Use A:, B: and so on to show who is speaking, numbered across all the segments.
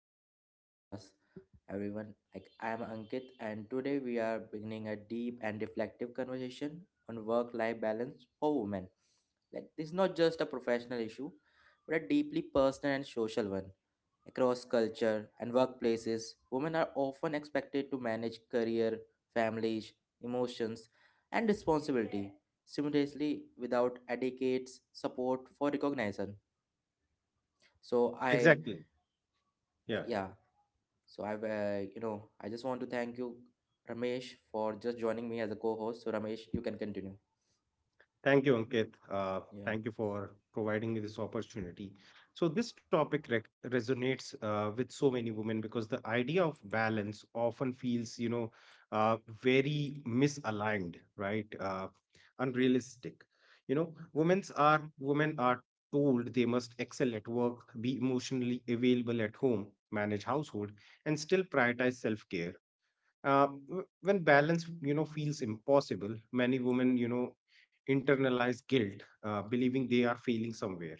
A: Deep Talk Podcast. Everyone, like I am Ankit and today we are beginning a deep and reflective conversation on work-life balance for women. Like this is not just a professional issue, but a deeply personal and social one. Across culture and workplaces, women are often expected to manage career, families, emotions, and responsibility simultaneously without adequate support for recognition. So I
B: Exactly. Yeah.
A: yeah, so I've I just want to thank you ramesh for just joining me as a co-host so ramesh you can continue.
B: Thank you, Ankit.
A: Yeah,
B: Thank you for providing me this opportunity. So, this topic rec resonates with so many women because the idea of balance often feels, very misaligned, right? Unrealistic. You know, women are told they must excel at work, be emotionally available at home, manage household, and still prioritize self-care. When balance feels impossible, many women internalize guilt, believing they are failing somewhere.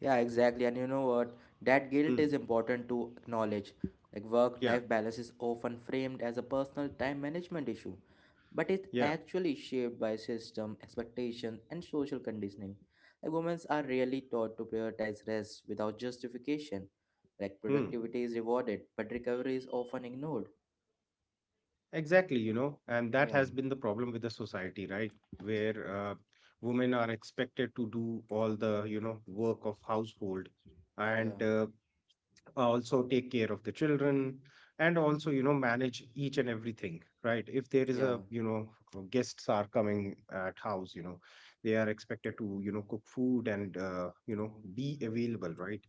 A: yeah, exactly, and you know what, that guilt
B: Hmm.
A: is important to acknowledge. Like work
B: Yeah,
A: life balance is often framed as a personal time management issue, but it's
B: yeah.
A: actually shaped by system expectations and social conditioning. Like women are rarely taught to prioritize rest without justification. Like
B: Hmm.
A: productivity is rewarded but recovery is often ignored.
B: Exactly, you know, and that
A: Yeah,
B: has been the problem with the society, right? Where women are expected to do all the work of household,
A: yeah,
B: and also take care of the children, and also, you know, manage each and everything, right? If there is
A: yeah,
B: a, you know, guests are coming at house, you know, they are expected to, you know, cook food and, you know, be available, right?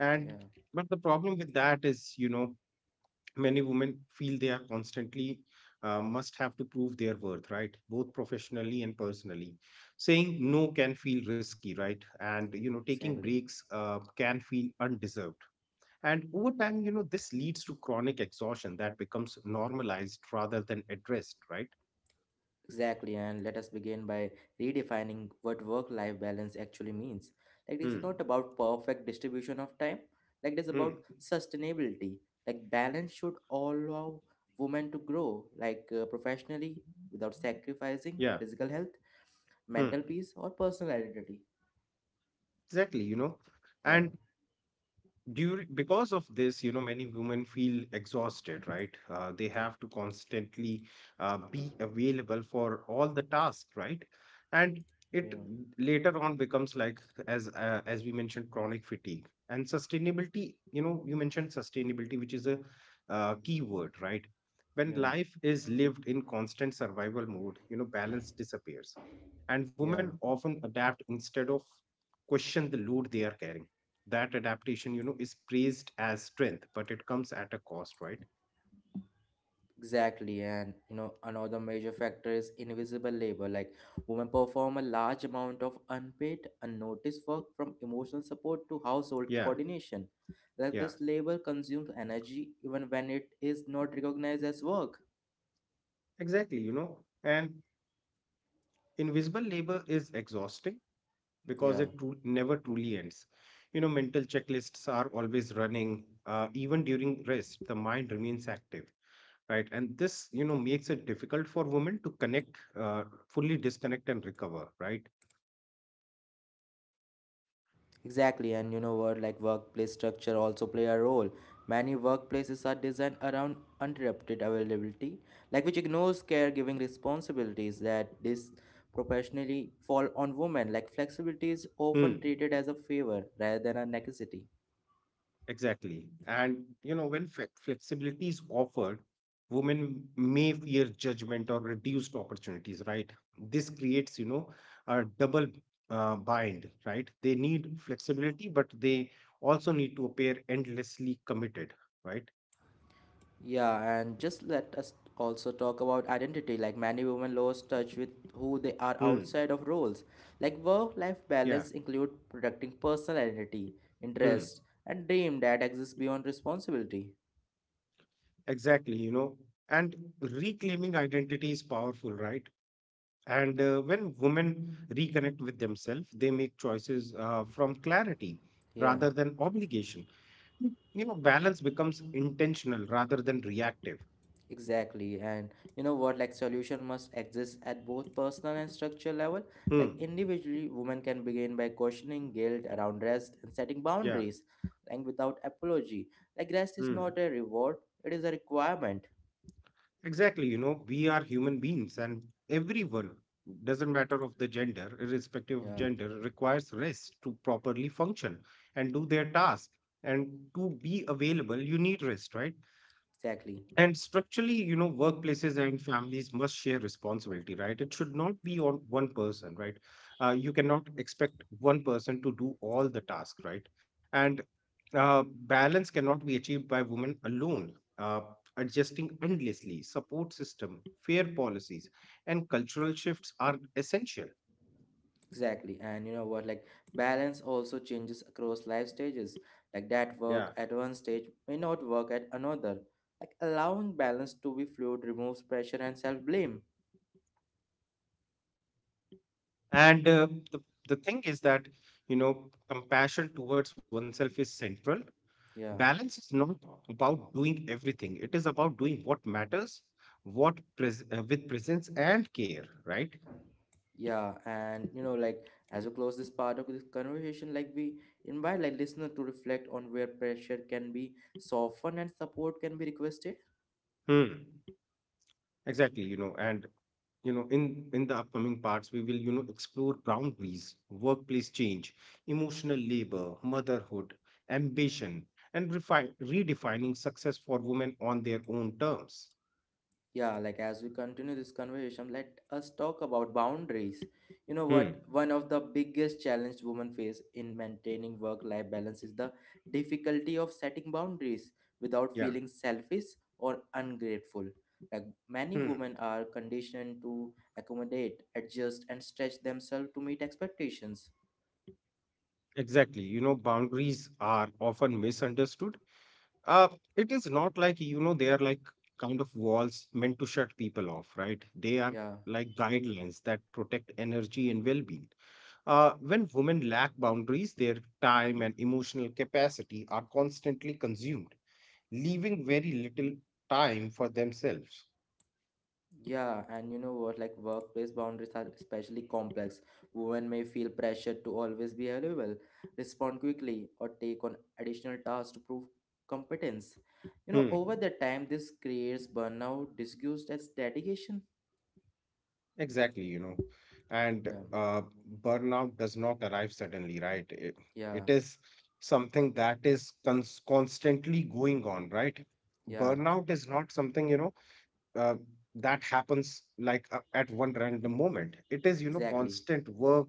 B: and
A: yeah,
B: But the problem with that is, you know, many women feel they are constantly, must have to prove their worth, right? Both professionally and personally. Saying no can feel risky, right? And you know, taking
A: exactly.
B: breaks can feel undeserved. And over time, you know, this leads to chronic exhaustion that becomes normalized rather than addressed, right?
A: Exactly. And let us begin by redefining what work life balance actually means. Like, it's
B: Hmm.
A: not about perfect distribution of time, like, it's about
B: Hmm.
A: sustainability. Like, balance should allow women to grow, like, professionally without sacrificing
B: Yeah.
A: physical health,
B: Hmm.
A: mental peace, or personal identity.
B: Exactly, you know.
A: Yeah,
B: And Due because of this, you know, many women feel exhausted, right? They have to constantly be available for all the tasks, right? And it
A: yeah,
B: later on becomes like, as we mentioned, chronic fatigue and sustainability. You know, you mentioned sustainability, which is a key word, right? When
A: yeah,
B: life is lived in constant survival mode, you know, balance disappears, and women
A: yeah.
B: often adapt instead of question the load they are carrying. That adaptation, you know, is praised as strength, but it comes at a cost, right?
A: Exactly, and you know, another major factor is invisible labor. Like, women perform a large amount of unpaid, unnoticed work from emotional support to household
B: Yeah,
A: coordination. Like,
B: yeah.
A: this labor consumes energy even when it is not recognized as work.
B: Exactly, you know, and invisible labor is exhausting because
A: Yeah.
B: it never truly ends. You know, mental checklists are always running. Even during rest, the mind remains active, right? And this, you know, makes it difficult for women to connect, fully disconnect and recover, right?
A: Exactly, and you know what, like workplace structure also play a role. Many workplaces are designed around uninterrupted availability, like which ignores caregiving responsibilities that this professionally fall on women. Like flexibility is
B: Hmm.
A: often treated as a favor rather than a necessity.
B: Exactly. And, you know, when flexibility is offered, women may fear judgment or reduced opportunities, right? This creates, you know, a double bind, right? They need flexibility, but they also need to appear endlessly committed, right?
A: Yeah, and just let us also talk about identity. Like many women lose touch with who they are
B: Hmm.
A: outside of roles. Like work-life
B: Yeah.
A: balance include protecting personal identity,
B: Hmm.
A: interest, and dream that exists beyond responsibility.
B: Exactly. You know, and reclaiming identity is powerful, right? And when women reconnect with themselves, they make choices from clarity
A: Yeah,
B: rather than obligation. You know, balance becomes intentional rather than reactive.
A: exactly. And you know what? Like solution must exist at both personal and structural level.
B: Hmm.
A: Like individually, women can begin by questioning guilt around rest and setting
B: Yeah.
A: boundaries, like without apology. Like rest is
B: Hmm.
A: not a reward; it is a requirement.
B: Exactly. You know, we are human beings, and everyone, doesn't matter of the gender, irrespective of
A: Yeah.
B: gender, requires rest to properly function and do their task. And to be available, you need rest, right?
A: Exactly,
B: And structurally, you know, workplaces and families must share responsibility, right? It should not be on one person, right? You cannot expect one person to do all the task, right? And Balance cannot be achieved by women alone. Adjusting endlessly, support system, fair policies, and cultural shifts are essential.
A: exactly. And you know what, like balance also changes across life stages. Like that
B: Yeah.
A: work at one stage may not work at another. Like allowing balance to be fluid removes pressure and self blame.
B: And the, the thing is that, you know, compassion towards oneself is central.
A: Yeah,
B: Balance is not about doing everything, it is about doing what matters, with presence and care, right?
A: yeah. And you know, like as we close this part of this conversation, like we invite like listener to reflect on where pressure can be softened and support can be requested.
B: Hmm. Exactly, you know, and you know, in the upcoming parts, we will, you know, explore boundaries, workplace change, emotional labor, motherhood, ambition, and refine redefining success for women on their own terms.
A: Yeah, like as we continue this conversation, let us talk about boundaries. You know
B: Hmm.
A: what? One of the biggest challenges women face in maintaining work life balance is the difficulty of setting boundaries without
B: Yeah.
A: feeling selfish or ungrateful. Like many
B: Hmm.
A: women are conditioned to accommodate, adjust, and stretch themselves to meet expectations.
B: Exactly. You know, boundaries are often misunderstood. Uh, it is not like, you know, they are like kind of walls meant to shut people off, right? They are
A: Yeah.
B: like guidelines that protect energy and well-being. When women lack boundaries, their time and emotional capacity are constantly consumed, leaving very little time for themselves.
A: Yeah, and you know what? Like workplace boundaries are especially complex. Women may feel pressured to always be available, respond quickly, or take on additional tasks to prove competence.
B: Hmm.
A: You know, over the time, this creates burnout, disguised as dedication.
B: Exactly, you know. And
A: Yeah,
B: burnout does not arrive suddenly, right?
A: yeah,
B: It is something that is constantly going on, right?
A: yeah,
B: Burnout is not something, you know, uh, that happens like at one random moment. It is, you know,
A: exactly,
B: constant work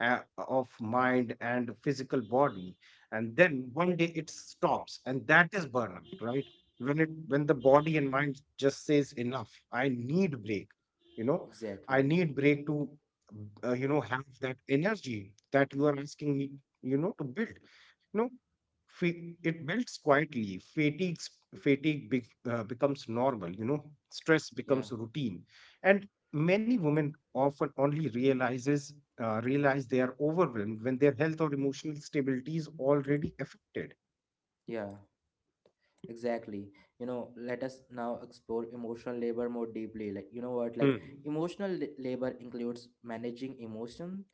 B: uh, of mind and physical body, and then one day it stops and that is burnout, right? When it when the body and mind just says enough, I need break, you know.
A: exactly.
B: I need break to, you know, have that energy that you are asking me, you know, to build, you know. It builds quietly. Fatigue becomes normal, you know, stress
A: Yeah,
B: becomes routine. And many women often only realize they are overwhelmed when their health or emotional stability is already affected.
A: yeah. Exactly. You know, let us now explore emotional labor more deeply. Like, you know what? Like,
B: Hmm.
A: labor includes managing emotion,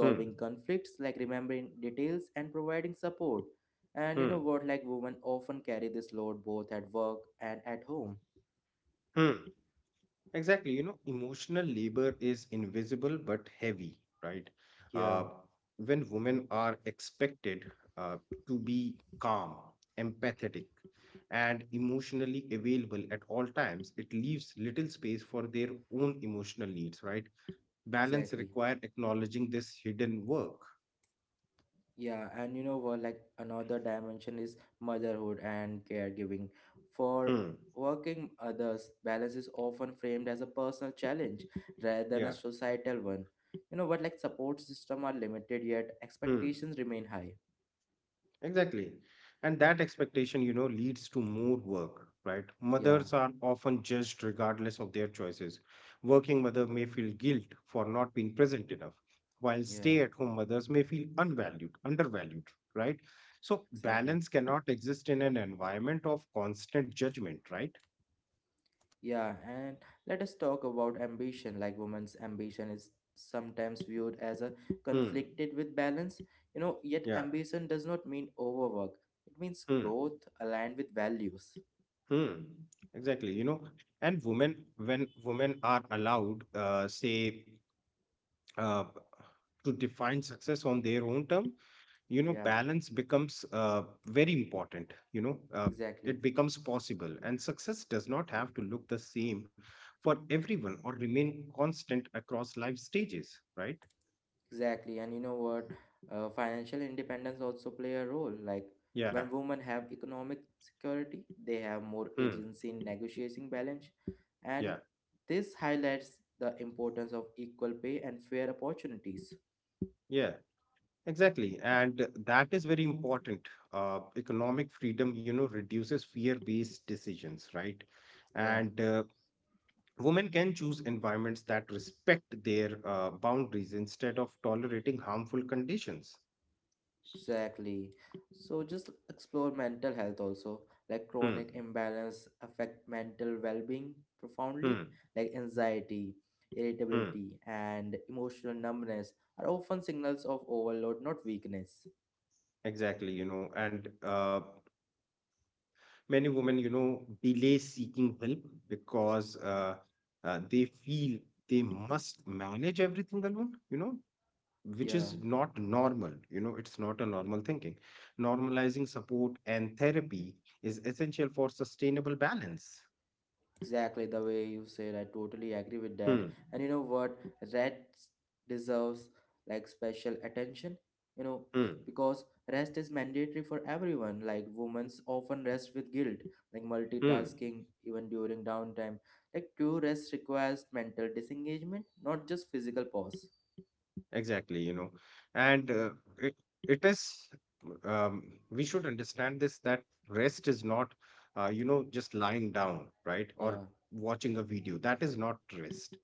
B: Hmm.
A: conflicts, like remembering details, and providing support. And you
B: Hmm.
A: know what? Like, women often carry this load both at work and at home.
B: Hmm. Exactly. You know, emotional labor is invisible but heavy, right?
A: Yeah.
B: Uh, when women are expected uh, to be calm, empathetic, and emotionally available at all times, it leaves little space for their own emotional needs, right? Balance
A: Exactly.
B: require acknowledging this hidden work.
A: Yeah, and you know what? Like another dimension is motherhood and caregiving. For
B: Hmm.
A: working others, balance is often framed as a personal challenge rather than a
B: Yeah.
A: societal one. You know what? Like support system are limited, yet
B: Hmm.
A: expectations remain high.
B: Exactly. And that expectation, you know, leads to more work, right?
A: Yeah,
B: Mothers are often judged regardless of their choices. Working mother may feel guilt for not being present enough, while
A: yeah,
B: stay-at-home mothers may feel undervalued, right? So
A: exactly.
B: balance cannot exist in an environment of constant judgment, right?
A: Yeah, and let us talk about ambition. Like women's ambition is sometimes viewed as a
B: Hmm.
A: conflicted with balance. You know, yet
B: Yeah.
A: ambition does not mean overwork. It means
B: Hmm.
A: growth aligned with values.
B: Hmm. Exactly. You know, and when women are allowed, say uh, to define success on their own term, you know,
A: Yeah,
B: balance becomes very important, you know.
A: exactly.
B: It becomes possible, and success does not have to look the same for everyone or remain constant across life stages, right?
A: Exactly. And you know what? Financial independence also play a role. Like
B: Yeah.
A: when women have economic security, they have more
B: Hmm.
A: agency in negotiating balance.
B: Yeah,
A: And this highlights the importance of equal pay and fair opportunities.
B: yeah, exactly, and that is very important. Uh, economic freedom, you know, reduces fear based decisions, right?
A: Yeah.
B: And women can choose environments that respect their boundaries instead of tolerating harmful conditions.
A: Exactly. So just explore mental health also. Like
B: Hmm,
A: chronic imbalance affect mental well-being profoundly.
B: hmm,
A: Like anxiety,
B: hmm.
A: irritability, and emotional numbness are often signals of overload, not weakness.
B: Exactly, you know, and many women, you know, delay seeking help because they feel they must manage everything alone, you know, which
A: Yeah.
B: is not normal. You know, it's not a normal thinking. Normalizing support and therapy is essential for sustainable balance.
A: Exactly the way you said, I totally agree with that.
B: Hmm,
A: And you know what? Rest deserves like special attention, you know,
B: hmm,
A: because rest is mandatory for everyone. Like women's often rest with guilt, like
B: hmm.
A: multitasking even during downtime. Like true rest requires mental disengagement, not just physical pause.
B: Exactly, you know, and it, it is, um, we should understand this that rest is not, you know, just lying down, right? Or
A: Yeah,
B: watching a video. That is not rest.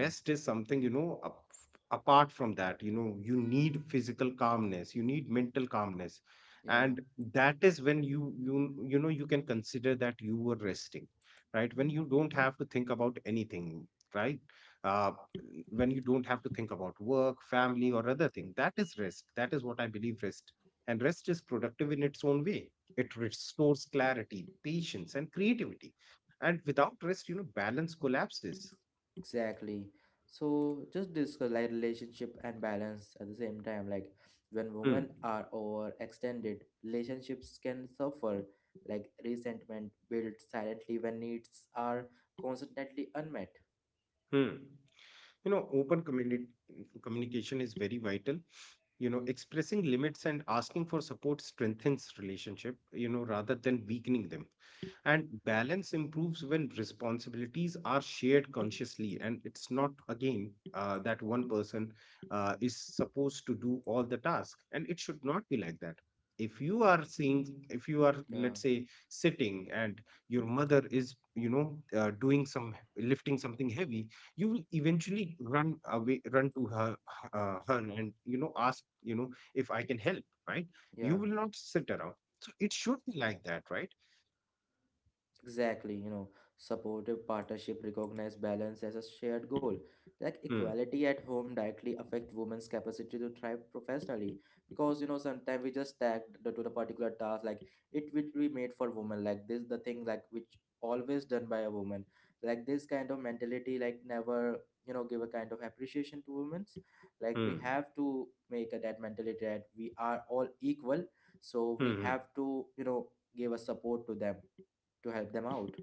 A: yeah,
B: is something, you know, apart from that, you know, you need physical calmness, you need mental calmness.
A: yeah.
B: And that is when you know, you can consider that you were resting, right? When you don't have to think about anything, right? Uh, when you don't have to think about work, family, or other thing. That is rest. That is what I believe rest. And rest is productive in its own way. It restores clarity, patience, and creativity. And without rest, you know, balance collapses.
A: Exactly. So just discuss like relationship and balance at the same time. Like when
B: Hmm.
A: women are overextended, relationships can suffer. Like resentment builds silently when needs are constantly unmet.
B: Hmm. You know, open communication is very vital. You know, expressing limits and asking for support strengthens relationship, you know, rather than weakening them. And balance improves when responsibilities are shared consciously, and it's not again, that one person is supposed to do all the task, and it should not be like that. If you are seeing, if you are,
A: Yeah,
B: let's say, sitting and your mother is, you know, doing some lifting, something heavy, you will eventually run to her, hun, and, you know, ask, you know, if I can help, right? You
A: yeah.
B: will not sit around. So it should be like that, right?
A: Exactly, you know, supportive partnership recognize balance as a shared goal. Like
B: Hmm,
A: equality at home directly affect women's capacity to thrive professionally because you know sometimes we just tagged the, to the particular task like it will be made for women like this the thing like which always done by a woman, like this kind of mentality like never you know give a kind of appreciation to women's, like we
B: hmm,
A: have to make a, that mentality that we are all equal, so
B: hmm,
A: we
B: hmm.
A: have to you know give a support to them to help them out.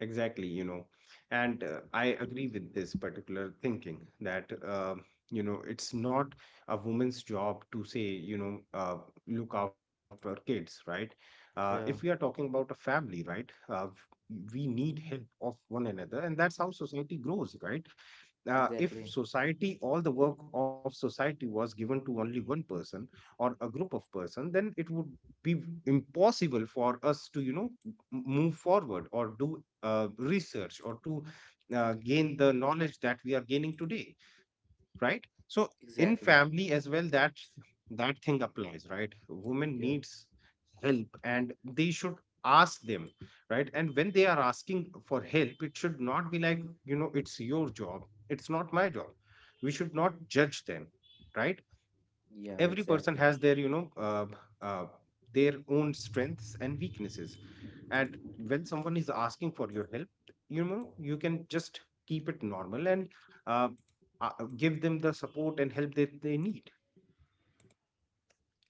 B: Exactly, you know, and I agree with this particular thinking that, you know, it's not a woman's job to say, look after kids, right? Uh, if we are
A: Yeah,
B: talking about a family, right? Uh, we need help of one another, and that's how society grows, right? Uh, if
A: exactly,
B: society, all the work of society was given to only one person or a group of person, then it would be impossible for us to, you know, move forward or do research or to gain the knowledge that we are gaining today, right? So in
A: exactly,
B: family as well, that thing applies, right? Women
A: yeah,
B: needs help, and they should ask them, right? And when they are asking for help, it should not be like, you know, it's your job, it's not my job. We should not judge them, right?
A: yeah,
B: Every person
A: exactly.
B: has their, uh, their own strengths and weaknesses, and when someone is asking for your help, you know, you can just keep it normal and, uh, uh, give them the support and help that they need.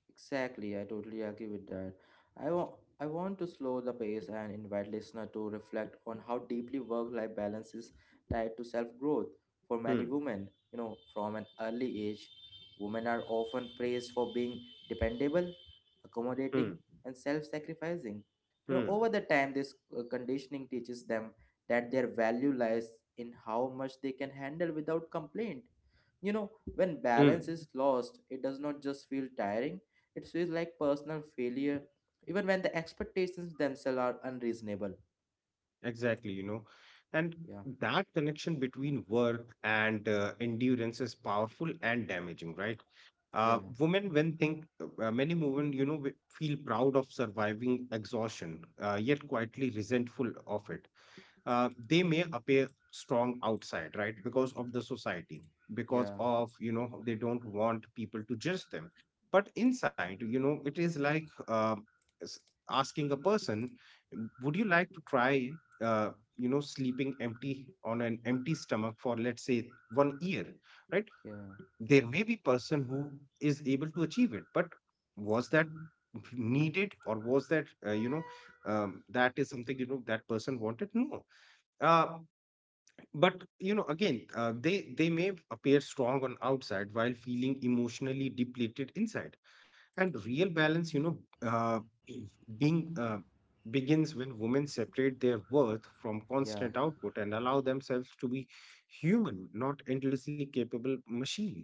A: Exactly, I totally agree with that. I want I want to slow the pace and invite listener to reflect on how deeply work-life balance is tied to self-growth for many
B: Hmm.
A: women. You know, from an early age, women are often praised for being dependable,
B: Hmm.
A: accommodating, and self-sacrificing. You know, over
B: Hmm.
A: the time, this conditioning teaches them that their value lies in how much they can handle without complaint. You know, when
B: Hmm.
A: balance is lost, it does not just feel tiring, it feels like personal failure, even when the expectations themselves are unreasonable.
B: Exactly. And
A: Yeah,
B: that connection between work and endurance is powerful and damaging, right?
A: yeah,
B: Women when think Many women feel proud of surviving exhaustion, yet quietly resentful of it. They may appear strong outside, right? Because of the society, because
A: yeah,
B: of they don't want people to judge them. But inside, it is like s- asking a person, " would you like to try sleeping empty on an empty stomach for, let's say, 1 year, right?"
A: yeah,
B: There may be person who is able to achieve it, but was that needed? Or was that, that is something, that person wanted? No. uh, but, again, they may appear strong on outside while feeling emotionally depleted inside, and real balance, uh, being begins when women separate their worth from
A: yeah.
B: constant output and allow themselves to be human, not endlessly capable machine.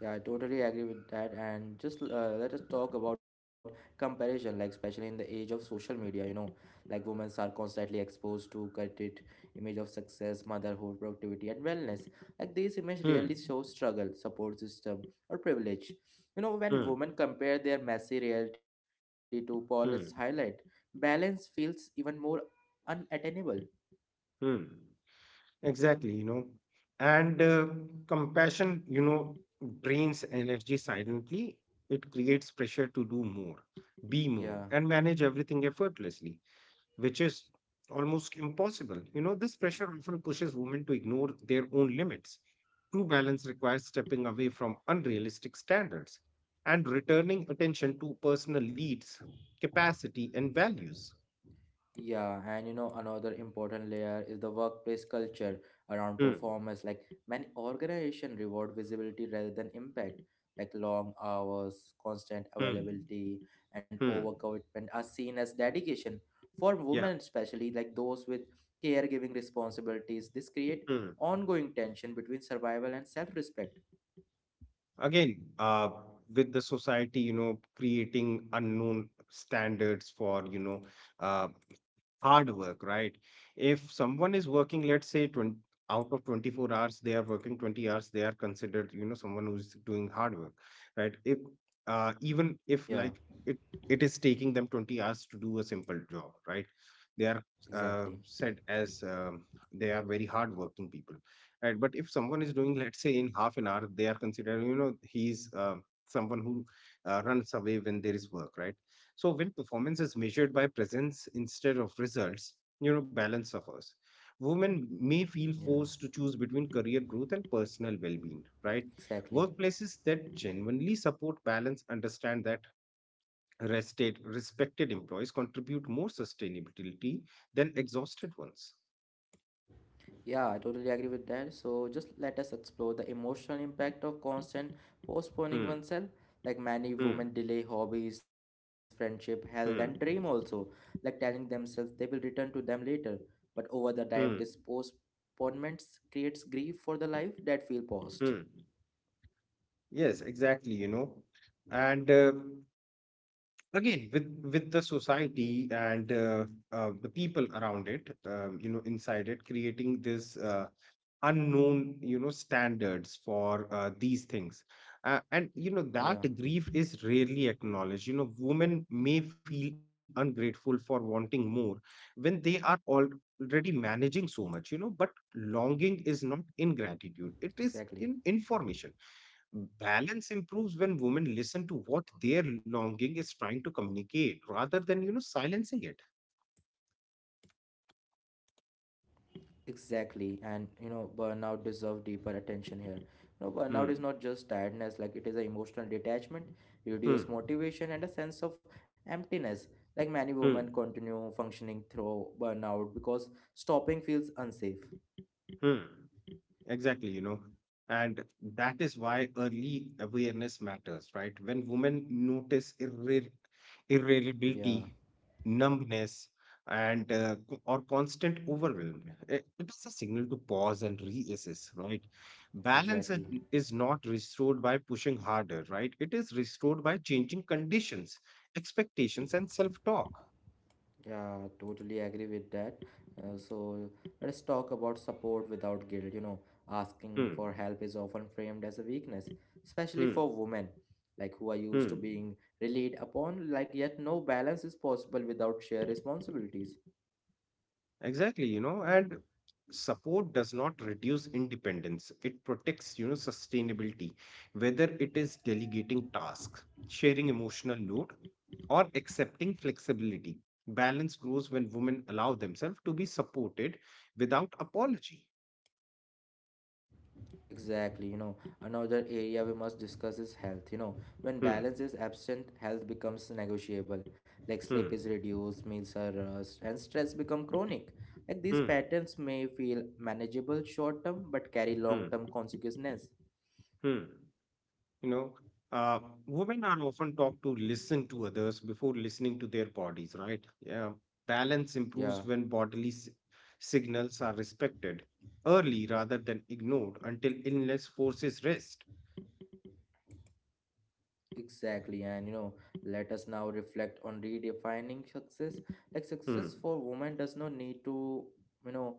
A: Yeah, I totally agree with that. And just let us talk about comparison, like especially in the age of social media, you know, like women are constantly exposed to curated image of success, motherhood, productivity, and wellness. Like these images
B: Hmm.
A: really show struggle, support system, or privilege. You know, when
B: Hmm.
A: women compare their messy reality to polished highlight,
B: Hmm.
A: balance feels even more unattainable.
B: Hmm. Exactly. And compassion drains energy silently. It creates pressure to do more, be
A: Yeah.
B: more, and manage everything effortlessly, which is almost impossible. This pressure often pushes women to ignore their own limits. True balance requires stepping away from unrealistic standards and returning attention to personal needs, capacity, and values.
A: Yeah, and you know, another important layer is the workplace culture around
B: Hmm.
A: performance. Like many organizations reward visibility rather than impact. Like long hours, constant
B: Hmm.
A: availability, and
B: Hmm.
A: overcommitment are seen as dedication. For
B: Yeah.
A: women especially, like those with caregiving responsibilities, this create
B: Hmm.
A: ongoing tension between survival and self-respect.
B: Again, with the society, creating unknown standards for, uh hard work, right? If someone is working, let's say, 20, out of 24 hours, they are working 20 hours, they are considered, someone who's doing hard work, right? If even
A: Yeah,
B: if like it, it is taking them 20 hours to do a simple job, right? They are
A: exactly.
B: said as they are very hardworking people, right? But if someone is doing, let's say, in half an hour, they are considered, he's someone who runs away when there is work, right? So when performance is measured by presence instead of results, balance suffers. Women may feel
A: Yeah,
B: forced to choose between career growth and personal well-being, right?
A: exactly.
B: Workplaces that genuinely support balance understand that rested, respected employees contribute more sustainability than exhausted ones.
A: Yeah, I totally agree with that. So just let us explore the emotional impact of constant postponing
B: Hmm,
A: oneself. Like many
B: hmm,
A: women delay hobbies, friendship, health, and dream
B: hmm,
A: also, like telling themselves they will return to them later. But over the time, this
B: hmm,
A: postponements creates grief for the life that feel paused.
B: hmm. Yes, exactly. And again, with the society and, the people around it, inside it, creating this, unknown, standards for, these things. And
A: Yeah,
B: that grief is rarely acknowledged. Women may feel ungrateful for wanting more when they are already managing so much, but longing is not
A: exactly.
B: ingratitude, it is in information. Balance improves when women listen to what their longing is trying to communicate rather than, silencing it.
A: Exactly, and you know, burnout deserve deeper attention here. You know, burnout is
B: Hmm.
A: not just tiredness; like it is an emotional detachment,
B: Hmm.
A: reduced motivation, and a sense of emptiness. Like many
B: Hmm.
A: women continue functioning through burnout because stopping feels unsafe.
B: Hmm. Exactly. And that is why early awareness matters, right? When women notice irre
A: Yeah,
B: irritability, numbness, and, or constant overwhelm, it is a signal to pause and reassess, right? Balance
A: exactly.
B: is not restored by pushing harder, right? It is restored by changing conditions, expectations, and self-talk.
A: Yeah, totally agree with that. So let's talk about support without guilt. You know, asking for
B: Hmm,
A: help is often framed as a weakness, especially
B: hmm,
A: for women, like who are used to
B: hmm.
A: being relied upon, like yet no balance is possible without shared responsibilities.
B: Exactly. And support does not reduce independence. It protects, sustainability, whether it is delegating tasks, sharing emotional load, or accepting flexibility. Balance grows when women allow themselves to be supported without apology.
A: Exactly, you know, another area we must discuss is health. You know, when
B: Hmm,
A: balance is absent, health becomes negotiable. Like sleep
B: hmm,
A: is reduced, meals are rushed, and stress become chronic. Like these
B: hmm,
A: patterns may feel manageable short term but carry long
B: hmm,
A: term consequences.
B: hmm. You know, uh, Women are often taught to listen to others before listening to their bodies, right? Yeah, balance
A: Yeah,
B: improves when bodily signals are respected early rather than ignored until illness forces rest.
A: exactly. And you know, let us now reflect on redefining success. Like
B: Hmm.
A: success for women does not need to, you know,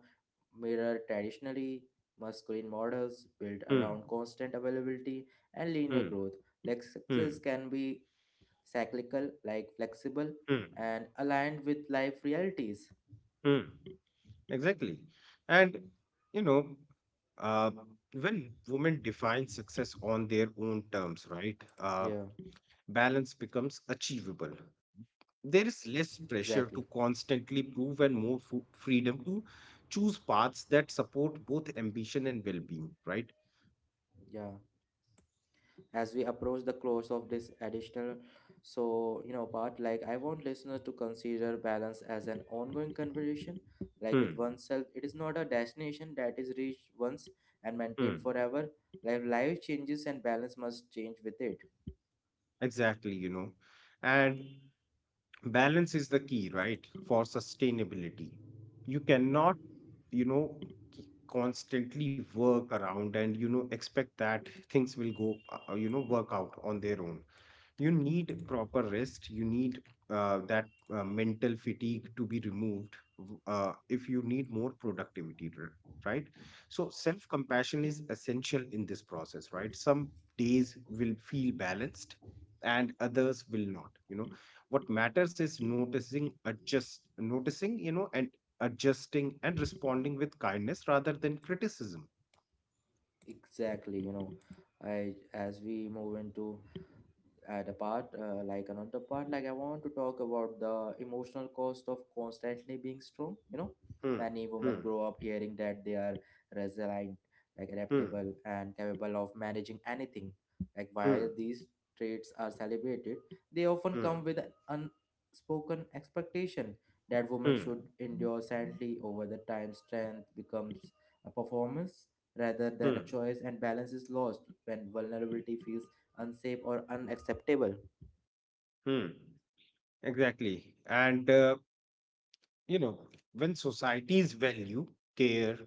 A: mirror traditionally masculine models built
B: Hmm.
A: around constant availability and linear
B: Hmm.
A: growth. Like
B: Hmm.
A: success can be cyclical, like flexible,
B: Hmm.
A: and aligned with life realities.
B: Hmm. Exactly. And, you know, uh, when women define success on their own terms, right?
A: Yeah,
B: Balance becomes achievable. There is less
A: exactly.
B: pressure to constantly prove and more freedom to choose paths that support both ambition and well being, right?
A: Yeah. As we approach the close of this additional so you know part, like I want listeners to consider balance as an ongoing conversation, like with
B: Hmm.
A: oneself. It is not a destination that is reached once and maintained
B: Hmm.
A: forever. Like life changes and balance must change with it.
B: Exactly. And balance is the key, right, for sustainability. You cannot, you know, constantly work around and, expect that things will go, work out on their own. You need proper rest. You need that mental fatigue to be removed, if you need more productivity, right? So self compassion is essential in this process, right? Some days will feel balanced and others will not, what matters is noticing, and adjusting and responding with kindness rather than criticism.
A: Exactly, you know, I as we move into at a part like another part, like I want to talk about the emotional cost of constantly being strong, you know,
B: Hmm.
A: many
B: Hmm.
A: women grow up hearing that they are resilient, like
B: Hmm.
A: adaptable and capable of managing anything. Like while
B: Hmm.
A: these traits are celebrated, they often come
B: Hmm.
A: with an unspoken expectation that women
B: Hmm.
A: should endure silently. Over the time strength becomes a performance rather than a
B: Hmm.
A: choice and balance is lost when vulnerability feels unsafe or unacceptable.
B: Hmm. Exactly. And, you know, when societies value care,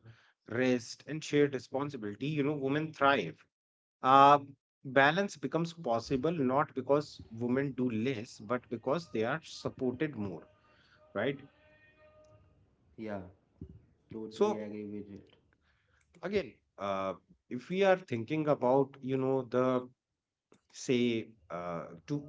B: rest, and shared responsibility, women thrive. Uh, Balance becomes possible not because women do less, but because they are supported more, right?
A: Yeah, totally agree
B: So,
A: with it.
B: again, uh, if we are thinking about, the say to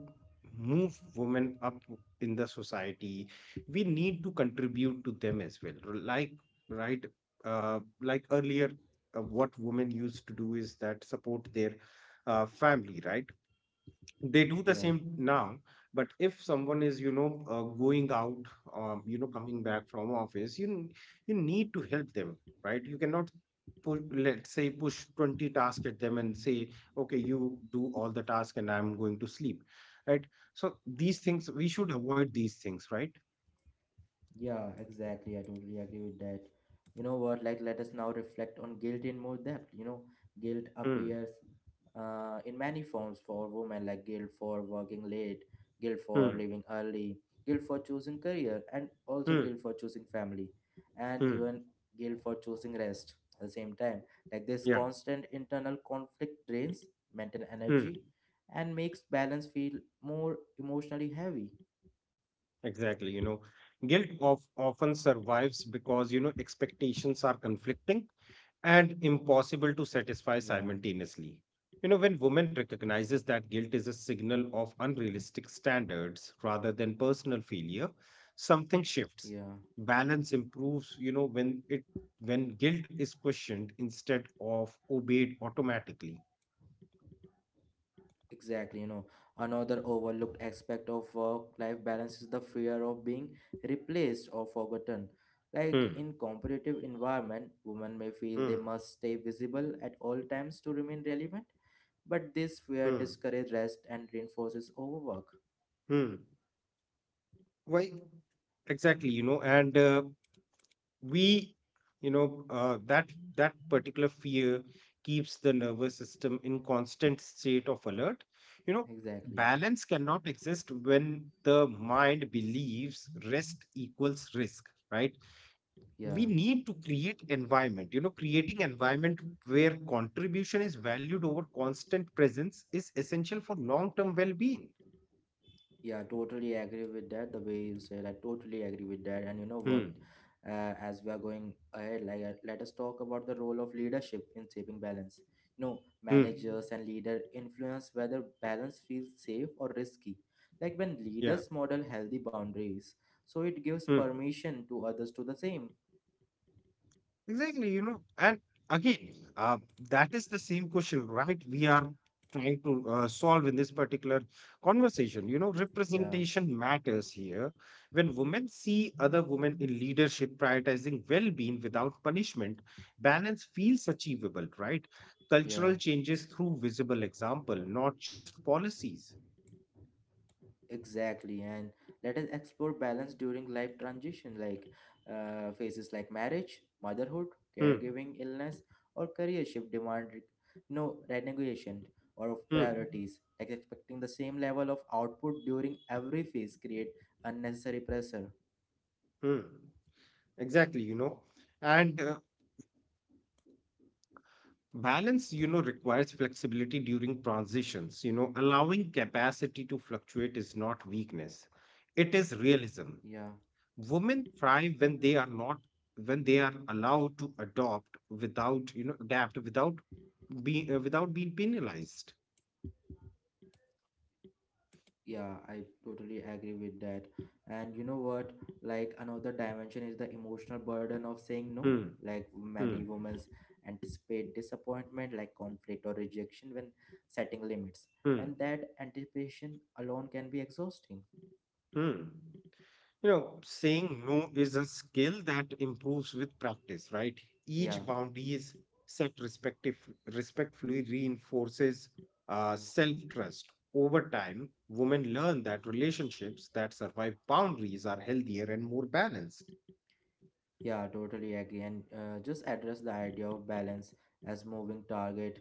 B: move women up in the society, we need to contribute to them as well, like, right? Like earlier, what women used to do is that support their family, right? They do the
A: Yeah,
B: same now. But if someone is, going out, coming back from office, you need to help them, right? You cannot let's say push 20 tasks at them and say, "Okay, you do all the task and I'm going to sleep," right? So these things we should avoid, these things, right?
A: yeah, exactly. I totally agree with that. You know what? Like, let us now reflect on guilt in more depth. You know, guilt
B: Hmm.
A: appears in many forms for women, like guilt for working late, guilt
B: Hmm.
A: for leaving early, guilt for choosing career, and also
B: Hmm.
A: guilt for choosing family, and
B: Hmm.
A: even guilt for choosing rest at the same time. Like, this
B: Yeah.
A: constant internal conflict drains mental
B: Hmm.
A: energy and makes balance feel more emotionally heavy.
B: Exactly. Guilt of often survives because, expectations are conflicting and impossible to satisfy
A: Yeah,
B: simultaneously. When women recognizes that guilt is a signal of unrealistic standards rather than personal failure, something shifts.
A: yeah.
B: Balance improves, when guilt is questioned instead of obeyed automatically.
A: Exactly, you know, another overlooked aspect of work-life balance is the fear of being replaced or forgotten. Like
B: Hmm.
A: in competitive environment, women may feel they
B: Hmm.
A: must stay visible at all times to remain relevant, but this fear
B: Hmm.
A: discourages rest and reinforces overwork.
B: Hmm. Why exactly, and, we you know that that particular fear keeps the nervous system in constant state of alert, you know
A: Exactly.
B: balance cannot exist when the mind believes rest equals risk, right?
A: Yeah.
B: We need to create environment, creating environment where contribution is valued over constant presence is essential for long term well being.
A: Yeah, totally agree with that. The way you said, I totally agree with that. And you know what?
B: Hmm.
A: As we are going ahead, like let us talk about the role of leadership in shaping balance. You know,
B: Hmm.
A: managers and leader influence whether balance feels safe or risky. Like when
B: Yeah.
A: leaders model healthy boundaries, so it gives
B: Hmm.
A: permission to others to the same.
B: Exactly. And again, that is the same question, right? We are trying to solve in this particular conversation.
A: Yeah,
B: Representation matters here. When women see other women in leadership prioritizing well being without punishment, balance feels achievable, right?
A: yeah.
B: Cultural changes through visible example, not just policies.
A: Exactly, and let us explore balance during life transition, like phases like marriage, motherhood,
B: Hmm.
A: caregiving, illness, or career shift demand, you know, renegotiation or of
B: Hmm.
A: priorities. Like expecting the same level of output during every phase create unnecessary pressure.
B: Hmm. Exactly. you know. And Balance, requires flexibility during transitions. Allowing capacity to fluctuate is not weakness. It is realism.
A: Yeah.
B: Women thrive when they are not when they are allowed to adopt without, you know, adapt without being penalized.
A: Yeah, I totally agree with that. And you know what? Like another dimension is the emotional burden of saying no.
B: Hmm.
A: Like many
B: Hmm.
A: women anticipate disappointment, like conflict or rejection when setting limits.
B: Hmm.
A: And that anticipation alone can be exhausting.
B: Hmm. Saying no is a skill that improves with practice, right?
A: Yeah.
B: Each boundary is set respective, respectfully reinforces self trust. Over time, women learn that relationships that survive boundaries are healthier and more balanced.
A: Yeah, totally agree. And just address the idea of balance as moving target.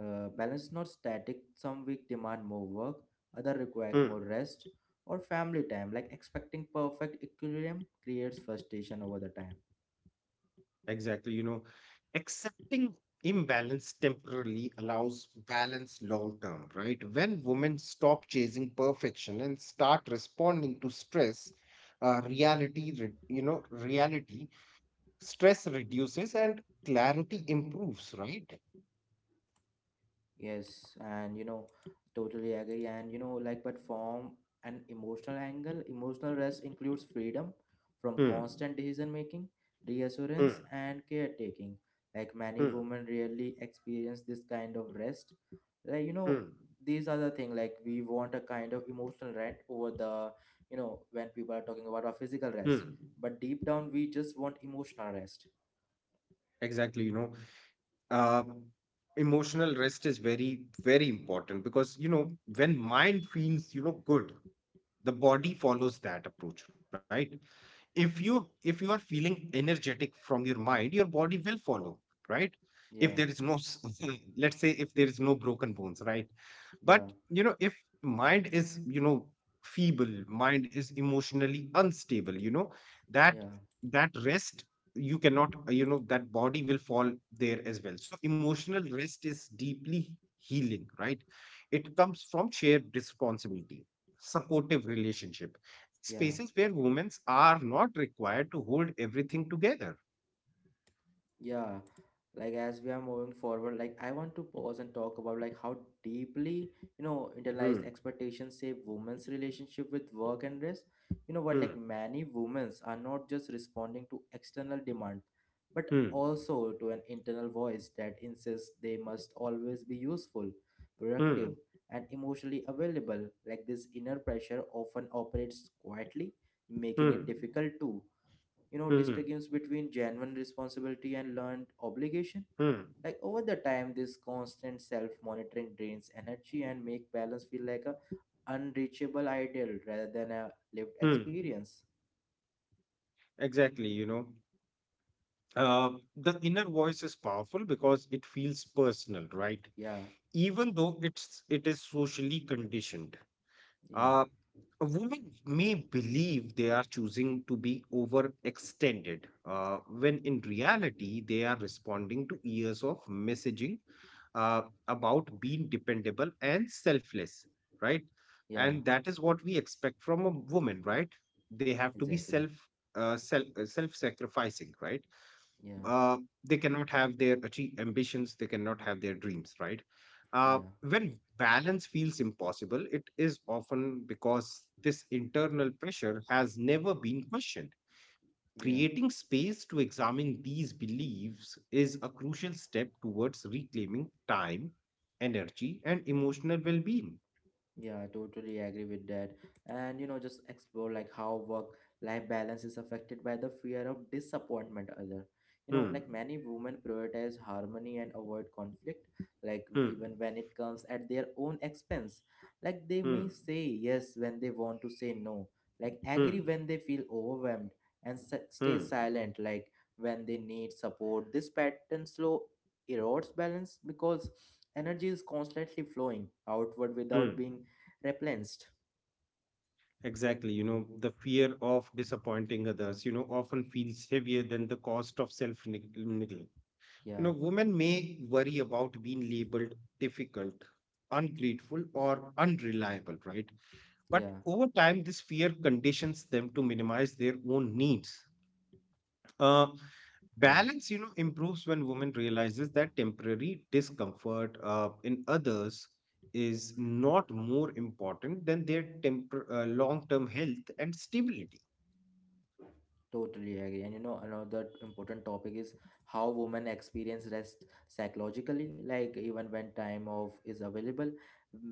A: Balance is not static. Some week demand more work, other require more
B: Hmm.
A: rest or family time. Like expecting perfect equilibrium creates frustration over the time.
B: Exactly. Accepting imbalance temporarily allows balance long term, right? When women stop chasing perfection and start responding to stress, reality, re- you know, reality, stress reduces and clarity improves, right?
A: Yes, and you know, totally agree. And you know, like, but from an emotional angle, emotional rest includes freedom from
B: Hmm.
A: constant decision making,
B: Hmm.
A: reassurance, and caretaking. Like, many
B: Hmm.
A: women rarely experience this kind of rest. Like, you know,
B: Hmm.
A: these are the thing. Like, we want a kind of emotional rest over the, you know, when people are talking about our physical rest.
B: Hmm.
A: But deep down, we just want emotional rest.
B: Exactly. Uh, Emotional rest is very, very important because, when mind feels, good, the body follows that approach, right? If you are feeling energetic from your mind, your body will follow, right? If there
A: Yeah,
B: is no s- let's say if there is no broken bones, right? But,
A: yeah,
B: if mind is, feeble, mind is emotionally unstable, that
A: yeah,
B: that rest, you cannot, that body will fall there as well. So emotional rest is deeply healing, right? It comes from shared responsibility, supportive relationship,
A: yeah.
B: spaces where women are not required to hold everything together.
A: Yeah, like as we are moving forward, like I want to pause and talk about like how deeply, you know, internalized
B: Hmm.
A: expectations shape women's relationship with work and rest. You know what,
B: Hmm.
A: like many women's are not just responding to external demand, but
B: Hmm.
A: also to an internal voice that insists they must always be useful, productive,
B: Hmm.
A: and emotionally available. Like this inner pressure often operates quietly, making
B: Hmm.
A: it difficult to you know
B: Hmm.
A: distinguish between genuine responsibility and learned obligation.
B: Hmm.
A: Like over the time this constant self-monitoring drains energy and make balance feel like a unreachable ideal rather than a lived
B: Hmm.
A: experience.
B: Exactly. Uh, the inner voice is powerful because it feels personal, right?
A: Yeah,
B: Even though it is socially conditioned.
A: yeah,
B: Uh, Women may believe they are choosing to be overextended, when in reality, they are responding to years of messaging uh, about being dependable and selfless, right?
A: yeah,
B: And that is what we expect from a woman, right? They have to be
A: exactly,
B: self-sacrificing, right?
A: yeah,
B: uh, they cannot have their ambitions, they cannot have their dreams, right? uh,
A: yeah,
B: when balance feels impossible, it is often because this internal pressure has never been questioned.
A: yeah.
B: Creating space to examine these beliefs is a crucial step towards reclaiming time, energy and emotional well-being.
A: Yeah, I totally agree with that. And you know, just explore like how work life balance is affected by the fear of disappointment other. You know, like
B: Hmm.
A: many women prioritize harmony and avoid conflict, like
B: Hmm.
A: even when it comes at their own expense. Like they
B: Hmm.
A: may say yes when they want to say no, like agree
B: Hmm.
A: when they feel overwhelmed, and stay
B: Hmm.
A: silent like when they need support. This pattern slow erodes balance because energy is constantly flowing outward
B: Hmm.
A: without being replenished.
B: Exactly. The fear of disappointing others, often feels heavier than the cost of neglect.
A: Yeah,
B: Women may worry about being labeled difficult, ungrateful, or unreliable, right? But
A: yeah,
B: over time, this fear conditions them to minimize their own needs. Uh,
A: yeah,
B: Balance, improves when women realizes that temporary discomfort in others is not more important than their long-term health and stability.
A: totally agree. And you know another important topic is how women experience rest psychologically, like even when time off is available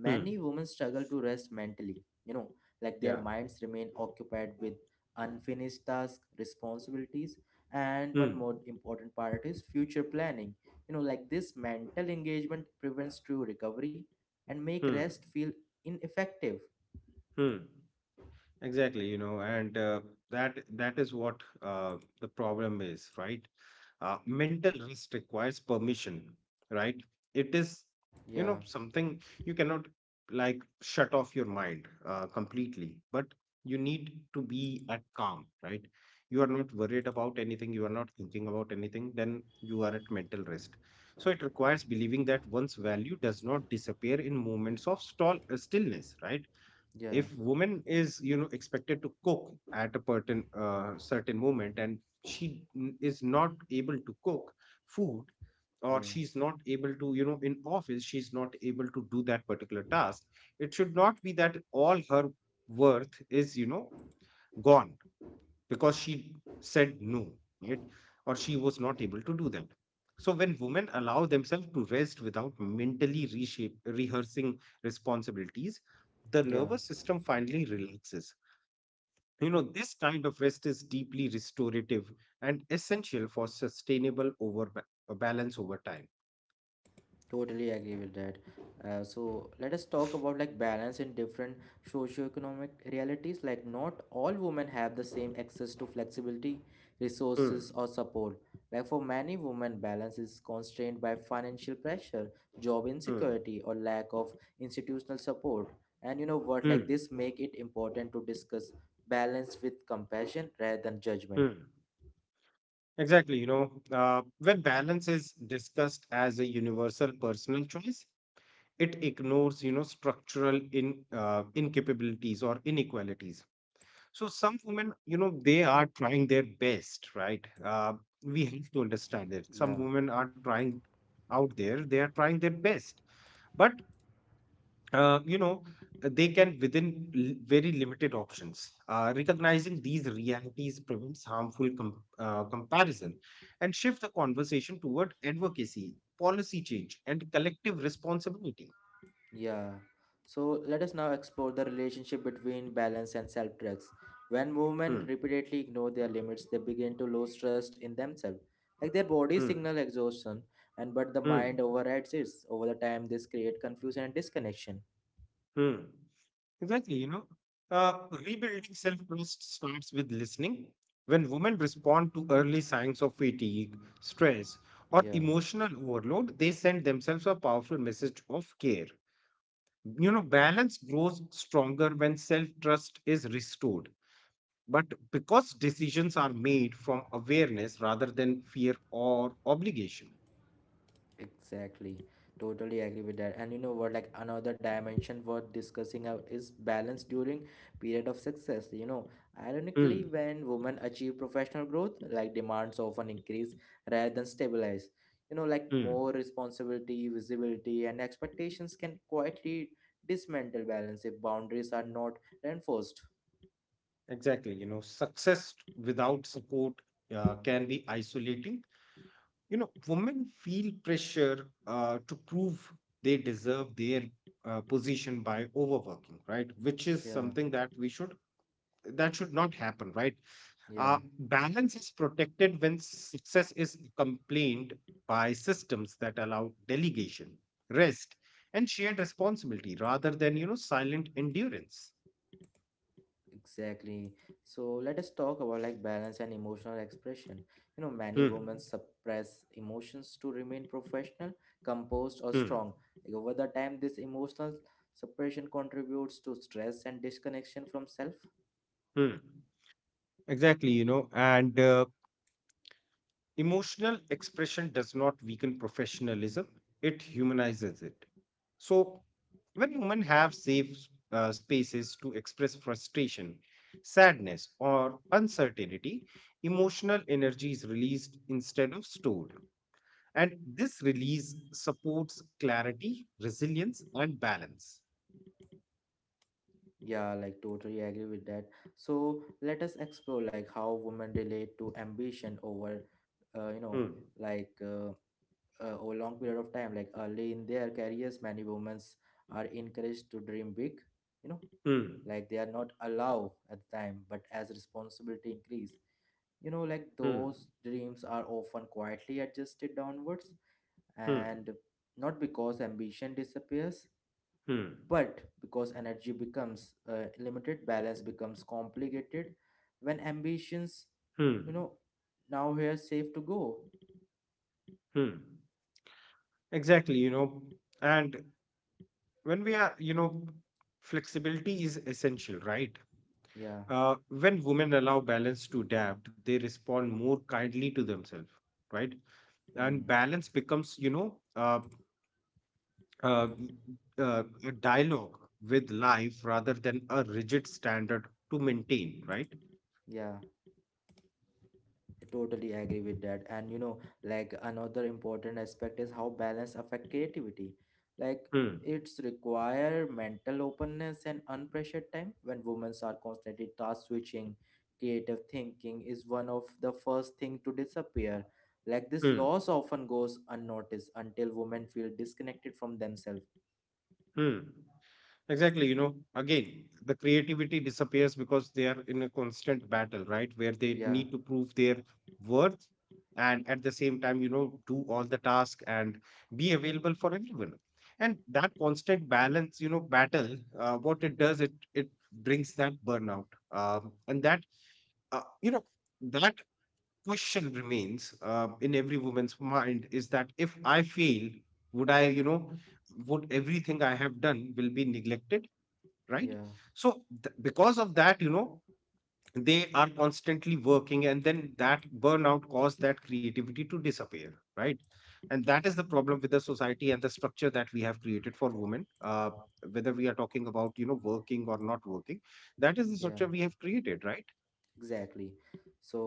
B: Hmm.
A: many women struggle to rest mentally, you know, like their
B: Yeah.
A: minds remain occupied with unfinished tasks, responsibilities, and one
B: Hmm.
A: more important part is future planning. You know, like this mental engagement prevents true recovery and make
B: Hmm.
A: rest feel ineffective.
B: Hmm. Exactly. you know, and that That is what, the problem is, right? Mental rest requires permission, right? It is,
A: Yeah,
B: something you cannot like shut off your mind completely, but you need to be at calm, right? You are not worried about anything, you are not thinking about anything, then you are at mental rest. So it requires believing that one's value does not disappear in moments of stall stillness, right?
A: yeah,
B: If woman is expected to cook at a certain moment and she is not able to cook food, or
A: yeah.
B: she's not able to in office she's not able to do that particular task, it should not be that all her worth is gone because she said no, right? Or she was not able to do that. So when women allow themselves to rest without mentally reshape, rehearsing responsibilities, the
A: Yeah,
B: nervous system finally relaxes. You know, this kind of rest is deeply restorative and essential for sustainable over balance over time.
A: totally agree with that. So let us talk about like balance in different socioeconomic realities. Like not all women have the same access to flexibility,
B: Hmm,
A: resources, or support. Like for many women, balance is constrained by financial pressure, job
B: hmm,
A: insecurity, or lack of institutional support. And you know what? Like
B: hmm,
A: this make it important to discuss balance with compassion rather than judgment.
B: hmm. Exactly. When balance is discussed as a universal personal choice, it ignores structural in incapabilities or inequalities. So some women, they are trying their best, right. We have to understand it, some
A: Yeah.
B: women are trying out there, they are trying their best, but uh, you know they can within very limited options. Recognizing these realities prevents harmful comparison and shift the conversation toward advocacy, policy change, and collective responsibility.
A: Yeah. So let us now explore the relationship between balance and self drugs. When
B: Hmm,
A: movement repeatedly ignore their limits, they begin to lose trust in themselves. Like their body
B: hmm.
A: signal exhaustion, and but the
B: Hmm.
A: mind overrides it. Over the time, this create confusion and disconnection.
B: Hmm. Exactly. Uh, Rebuilding self trust starts with listening. When women respond to early signs of fatigue, stress, or
A: Yeah.
B: emotional overload, they send themselves a powerful message of care. You know, balance grows stronger when self trust is restored. But because decisions are made from awareness rather than fear or obligation.
A: Exactly. Totally agree with that. And you know what, like another dimension worth discussing is balance during period of success. You know, ironically,
B: Hmm.
A: when women achieve professional growth, like demands often increase rather than stabilize. You know, like
B: Hmm.
A: more responsibility, visibility, and expectations can quietly dismantle balance if boundaries are not reinforced.
B: Exactly. You know, success without support can be isolating. You know, women feel pressure to prove they deserve their position by overworking, right? Which is
A: Yeah,
B: something that we should, that should not happen, right?
A: yeah.
B: Balance is protected when success is complained by systems that allow delegation, rest, and shared responsibility rather than silent endurance.
A: Exactly. So let us talk about like balance and emotional expression. You know, many women
B: Hmm.
A: suppress emotions to remain professional, composed, or
B: Hmm.
A: strong. Like, over the time, this emotional suppression contributes to stress and disconnection from self.
B: Hmm. Exactly, you know, and emotional expression does not weaken professionalism, it humanizes it. So, when women have safe spaces to express frustration, sadness, or uncertainty, emotional energy is released instead of stored. And this release supports clarity, resilience, and balance.
A: Yeah, like totally agree with that. So let us explore like how women relate to ambition over, you know,
B: Hmm,
A: like over long period of time. Like early in their careers, many women are encouraged to dream big. You know,
B: hmm,
A: like they are not allowed at the time but as responsibility increase, you know, like
B: hmm,
A: those dreams are often quietly adjusted downwards and
B: hmm,
A: not because ambition disappears
B: hmm,
A: but because energy becomes limited. Balance becomes complicated when ambitions, you
B: hmm,
A: know, now here safe to go.
B: hmm. Exactly, you know, and when we are, you know, flexibility is essential, right?
A: Yeah,
B: When women allow balance to adapt, they respond more kindly to themselves, right? And
A: mm,
B: balance becomes, uh, a dialogue with life rather than a rigid standard to maintain, right?
A: yeah, I totally agree with that. And you know, like another important aspect is how balance affect creativity. Like
B: Hmm.
A: it's require mental openness and unpressured time when women are constantly task switching. Creative thinking is one of the first thing to disappear. Like this
B: Hmm.
A: loss often goes unnoticed until women feel disconnected from themselves.
B: Hmm. Exactly, you know, again, the creativity disappears because they are in a constant battle, right? Where they
A: Yeah,
B: need to prove their worth, and at the same time, you know, do all the tasks and be available for everyone. And that constant balance, you know, battle, what it does, it brings that burnout. And that, you know, that question remains in every woman's mind is that if I fail, would I, you know, would everything I have done will be neglected? Right,
A: yeah,
B: so because of that, you know, they are constantly working, and then that burnout caused that creativity to disappear, right? And that is the problem with the society and the structure that we have created for women, whether we are talking about working or not working, that is the
A: yeah.
B: structure we have created, right?
A: Exactly, so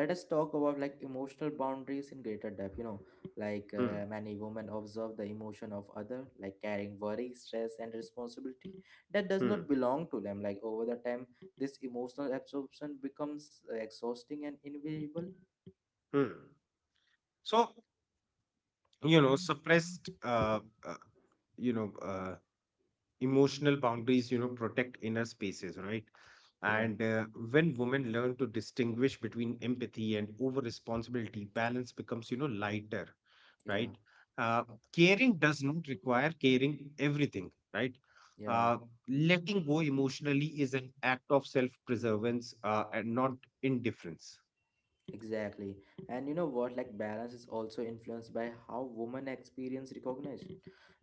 A: let us talk about like emotional boundaries in greater depth. You know, like
B: Hmm.
A: many women observe the emotion of other like carrying worry, stress and responsibility that does
B: Hmm.
A: not belong to them. Like over the time this emotional absorption becomes exhausting and invisible.
B: Hmm. So, you know suppressed uh, you know emotional boundaries, protect inner spaces, right?
A: Yeah,
B: And when women learn to distinguish between empathy and over responsibility, balance becomes, lighter,
A: yeah,
B: right? uh, Caring does not require caring everything, right?
A: yeah.
B: uh, Letting go emotionally is an act of self preservance and not indifference.
A: Exactly. And you know what? Like, balance is also influenced by how women experience recognition.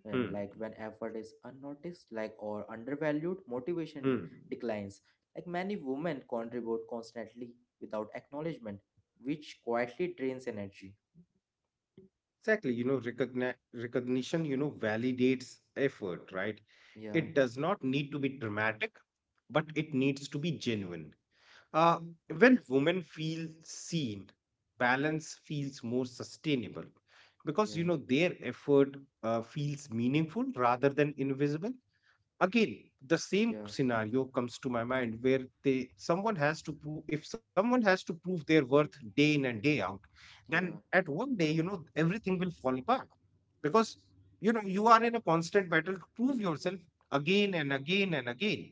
A: And
B: Hmm.
A: like, when effort is unnoticed, like, or undervalued, motivation
B: Hmm.
A: declines. Like, many women contribute constantly without acknowledgement, which quietly drains energy.
B: Exactly, you know, recognition, you know, validates effort, right?
A: Yeah,
B: It does not need to be dramatic, but it needs to be genuine. Uh, when women feel seen, balance feels more sustainable because, you
A: yeah,
B: know, their effort feels meaningful rather than invisible. Again, the same
A: yeah,
B: scenario comes to my mind where they, someone has to prove, if someone has to prove their worth day in and day out, then
A: yeah.
B: at one day, you know, everything will fall apart, because, you know, you are in a constant battle to prove yourself again and again and again,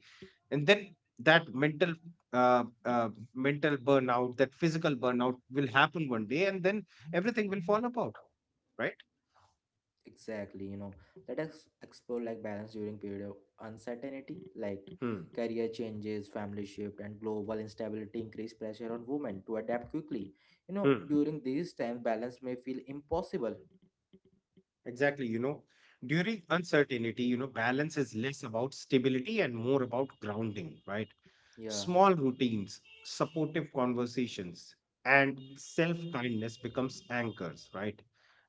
B: and then that mental, uh, uh, mental burnout, that physical burnout will happen one day, and then everything will fall apart, right?
A: Exactly, you know, let us explore like balance during period of uncertainty, like
B: Hmm.
A: career changes, family shift, and global instability increase pressure on women to adapt quickly. You know,
B: Hmm.
A: during these times, balance may feel impossible.
B: Exactly, you know, during uncertainty, you know, balance is less about stability and more about grounding, right?
A: Yeah,
B: Small routines, supportive conversations, and self-kindness becomes anchors, right?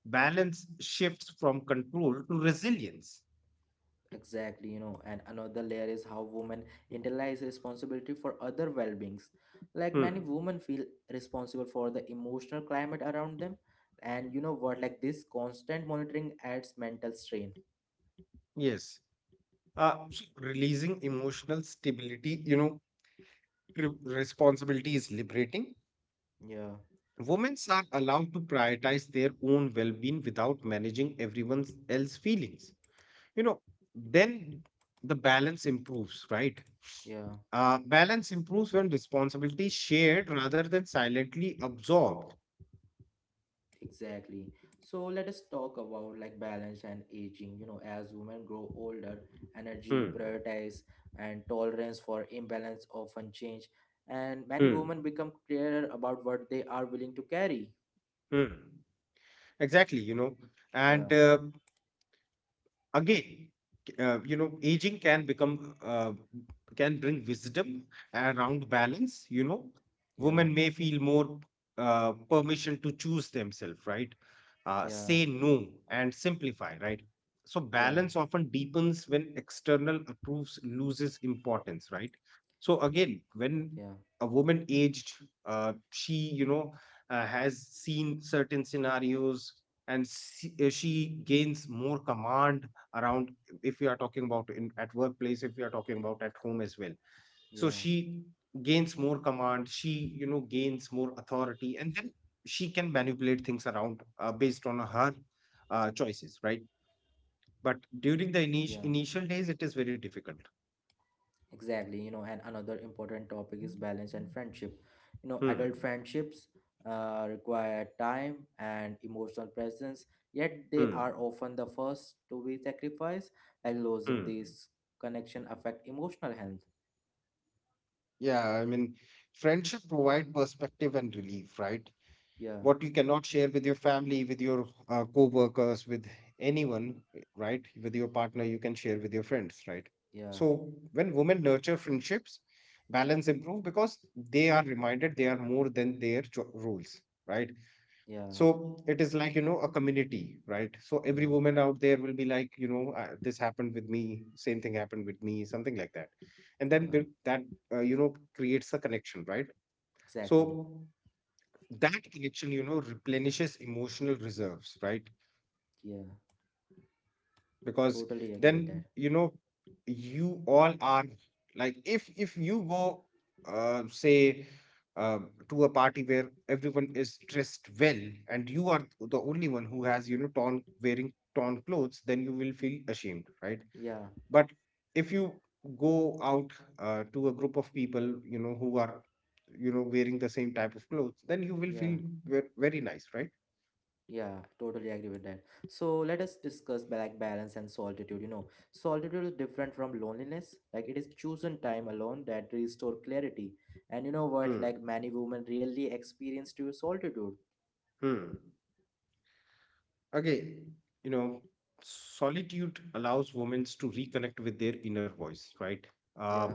B: Balance shifts from control to resilience.
A: exactly, you know, and another layer is how women internalize responsibility for other well-beings. Like many
B: Hmm.
A: women feel responsible for the emotional climate around them, and you know what, like this constant monitoring adds mental strain.
B: Yes. So releasing emotional stability, you know, responsibility is liberating.
A: Yeah,
B: Women are allowed to prioritize their own well-being without managing everyone else's feelings. You know, then the balance improves, right?
A: yeah.
B: Balance improves when responsibility is shared rather than silently absorbed.
A: Exactly. So let us talk about like balance and aging. You know, as women grow older,
B: Hmm.
A: energy, prioritize, and tolerance for imbalance often change, and many
B: Hmm.
A: women become clearer about what they are willing to carry.
B: Hmm. Exactly, you know.
A: Yeah,
B: And again, you know, aging can become, can bring wisdom around balance, you know.
A: yeah,
B: Women may feel more permission to choose themselves, right?
A: yeah,
B: Say no and simplify, right? So
A: yeah,
B: balance often deepens when external approves loses importance, right? So again, when
A: yeah,
B: a woman aged, she, you know, has seen certain scenarios, and she gains more command around, if we are talking about in at workplace, if we are talking about at home as well. So
A: yeah,
B: she gains more command, she, you know, gains more authority, and then she can manipulate things around, based on her choices, right? But during the
A: yeah.
B: initial days, it is very difficult.
A: Exactly, you know, and another important topic is balance and friendship. You know, adult
B: Hmm.
A: friendships require time and emotional presence, yet they
B: Hmm.
A: are often the first to be sacrificed, and losing
B: Hmm.
A: these connection affect emotional health.
B: Yeah, I mean, friendship provide perspective and relief, right?
A: Yeah,
B: What you cannot share with your family, with your co-workers, with anyone, right, with your partner, you can share with your friends, right?
A: yeah,
B: So when women nurture friendships, balance improve, because they are reminded they are more than their roles, right?
A: yeah,
B: So it is like, you know, a community, right? So every
A: yeah,
B: woman out there will be like, you know, this happened with me, same thing happened with me, something like that, and then
A: yeah,
B: build that, you know, creates a connection, right?
A: exactly.
B: So that connection, you know, replenishes emotional reserves, right?
A: Yeah,
B: Because
A: totally agree with
B: then,
A: that.
B: you know, you all are like, if you go, say uh, to a party where everyone is dressed well, and you are the only one who has, you know, torn, wearing torn clothes, then you will feel ashamed, right?
A: Yeah,
B: But if you go out, to a group of people, you know, who are, you know, wearing the same type of clothes, then you will
A: yeah.
B: feel very nice, right?
A: Yeah, totally agree with that. So let us discuss black balance and solitude. You know, solitude is different from loneliness. Like it is chosen time alone that restore clarity. And you know what? Like many women really experience to solitude.
B: Hmm. Okay, you know, solitude allows women to reconnect with their inner voice, right? Uh,
A: Yeah,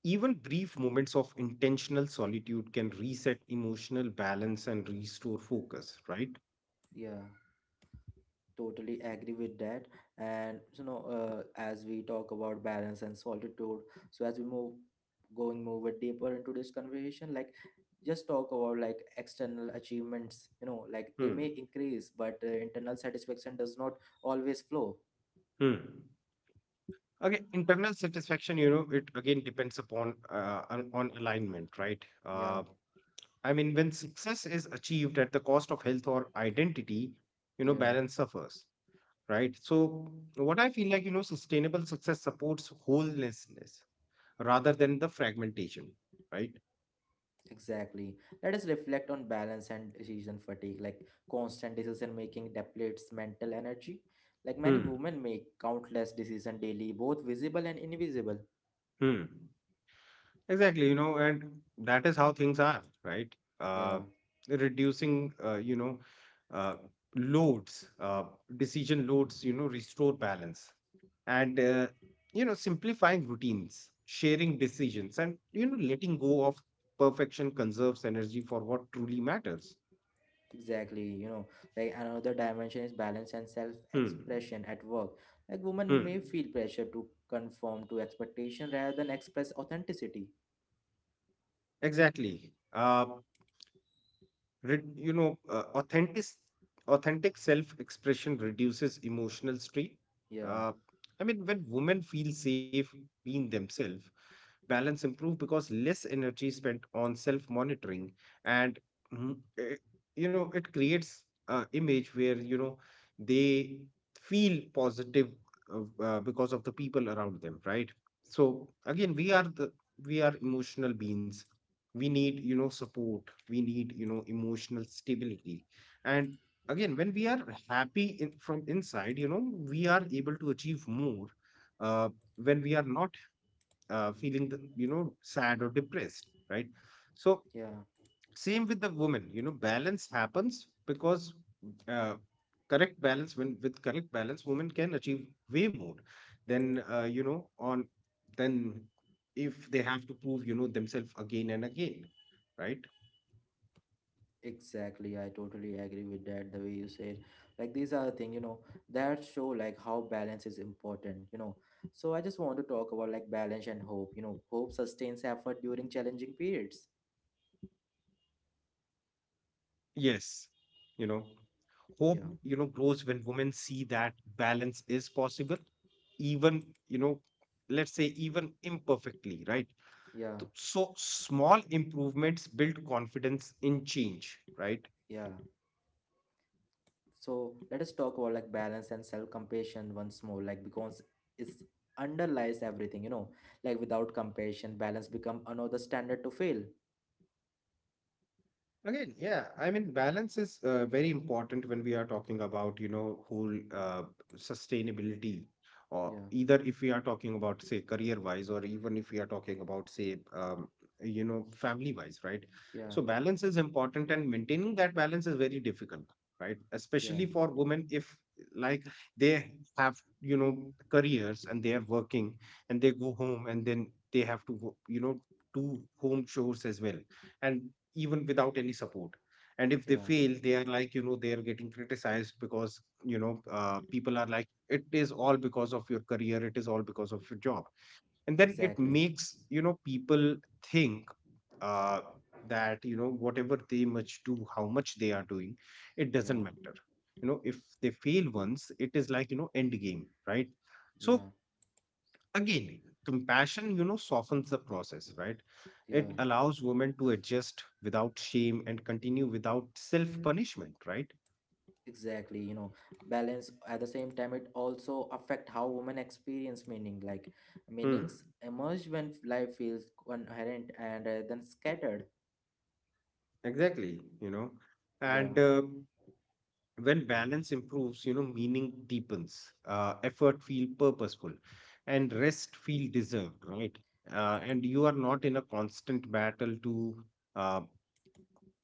B: Even brief moments of intentional solitude can reset emotional balance and restore focus, right?
A: yeah, totally agree with that. And you know, as we talk about balance and solitude, so as we move going more deeper into this conversation, like just talk about like external achievements, you know, like they
B: Hmm.
A: may increase but internal satisfaction does not always flow.
B: Hmm. Okay, internal satisfaction, you know, it again depends upon, on alignment, right?
A: Yeah,
B: I mean, when success is achieved at the cost of health or identity, you know,
A: yeah,
B: balance suffers. Right? So, what I feel like, you know, sustainable success supports wholenessness rather than the fragmentation, right?
A: exactly, let us reflect on balance and decision fatigue, like constant decision making depletes mental energy. Like many
B: Hmm.
A: women make countless decisions daily, both visible and invisible.
B: Hmm. Exactly, you know, and that is how things are, right?
A: Yeah.
B: Uh, Reducing, you know, uh, loads, decision loads, you know, restore balance, and, you know, simplifying routines, sharing decisions, and, you know, letting go of perfection conserves energy for what truly matters.
A: Exactly, you know, like another dimension is balance and self
B: Hmm.
A: expression at work. Like, women may
B: Hmm.
A: feel pressure to conform to expectation rather than express authenticity.
B: Exactly. You know, authentic self-expression reduces emotional strain.
A: Yeah,
B: Uh, I mean, when women feel safe being themselves, balance improve because less energy is spent on self-monitoring, and mm, eh, you know, it creates a image where, you know, they feel positive because of the people around them, right? So again, we are emotional beings, we need, you know, support, we need, you know, emotional stability, and again, when we are happy in, from inside, you know, we are able to achieve more, uh, when we are not, feeling the, you know, sad or depressed, right? So
A: yeah,
B: same with the woman, you know, balance happens because, uh, correct balance when with correct balance, women can achieve way more than, you know, on than if they have to prove, you know, themselves again and again, right?
A: exactly. I totally agree with that. The way you said, like, these are the things, you know, that show like how balance is important, you know. So, I just want to talk about like balance and hope. You know, hope sustains effort during challenging periods.
B: Yes, you know, hope, you know,
A: Yeah,
B: grows when women see that balance is possible, even, you know, let's say even imperfectly, right?
A: yeah,
B: So small improvements build confidence in change, right?
A: yeah. So let us talk about like balance and self-compassion once more, like because it's underlies everything, you know, like without compassion balance become another standard to fail.
B: Again, yeah, I mean, balance is very important when we are talking about, you know, whole sustainability, or
A: Yeah,
B: either if we are talking about, say, career-wise, or even if we are talking about, say, you know, family-wise, right?
A: yeah,
B: So balance is important, and maintaining that balance is very difficult, right?
A: yeah,
B: Especially for women, if like they have, you know, careers and they are working, and they go home, and then they have to, you know, do home chores as well and even without any support. And if they
A: yeah,
B: fail, they are like, you know, they are getting criticized because, you know, people are like, it is all because of your career, it is all because of your job. And then it
A: exactly,
B: makes, you know, people think uh, that, you know, whatever they much do, how much they are doing, it doesn't
A: yeah,
B: matter. You know, if they fail once, it is like, you know, end game, right? So
A: yeah,
B: again, compassion, you know, softens the process, right?
A: yeah,
B: It allows women to adjust without shame and continue without self punishment, right?
A: exactly, you know, balance at the same time it also affect how women experience meaning, like
B: Hmm.
A: meanings emerge when life feels coherent and then scattered.
B: Exactly, you know.
A: Yeah,
B: And when balance improves, you know, meaning deepens, effort feel purposeful, and rest feel deserved, right? And you are not in a constant battle to uh,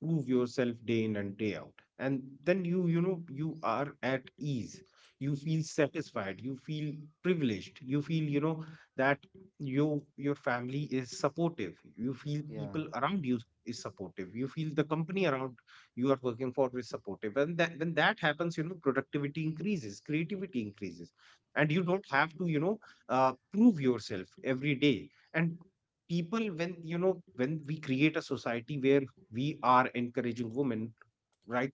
B: prove yourself day in and day out. And then you know you are at ease, you feel satisfied, you feel privileged, you feel, you know, that you, your family is supportive, you feel
A: yeah,
B: people around you is supportive, you feel the company around you are working for is supportive. And that, when that happens, you know, productivity increases, creativity increases, and you don't have to, you know, prove yourself every day. And people, when, you know, when we create a society where we are encouraging women, right,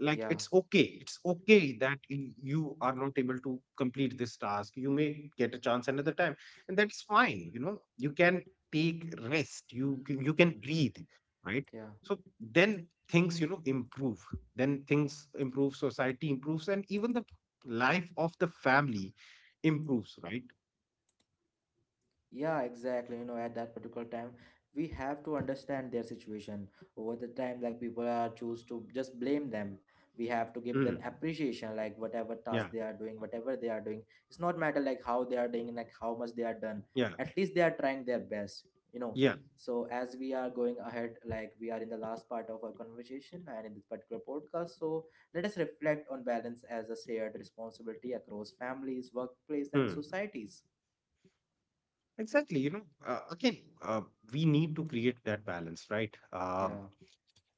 B: like,
A: yeah,
B: it's okay, it's okay that you are not able to complete this task, you may get a chance another time. And that's fine, you know, you can take rest, you you can breathe, right?
A: yeah.
B: So then things, you know, improve. Then things improve, society improves, and even the life of the family improves, right?
A: Yeah, exactly. You know, at that particular time, we have to understand their situation. Over the time, like people are choose to just blame them. We have to give them
B: Mm.
A: appreciation, like whatever
B: Yeah.
A: task they are doing, whatever they are doing. It's not matter like how they are doing, like how much they are done.
B: Yeah.
A: At least they are trying their best, you know.
B: Yeah.
A: So as we are going ahead, like we are in the last part of our conversation and in this particular podcast, so let us reflect on balance as a shared responsibility across families, workplace, and
B: Mm.
A: societies.
B: Exactly. You know, again, we need to create that balance, right?
A: Yeah,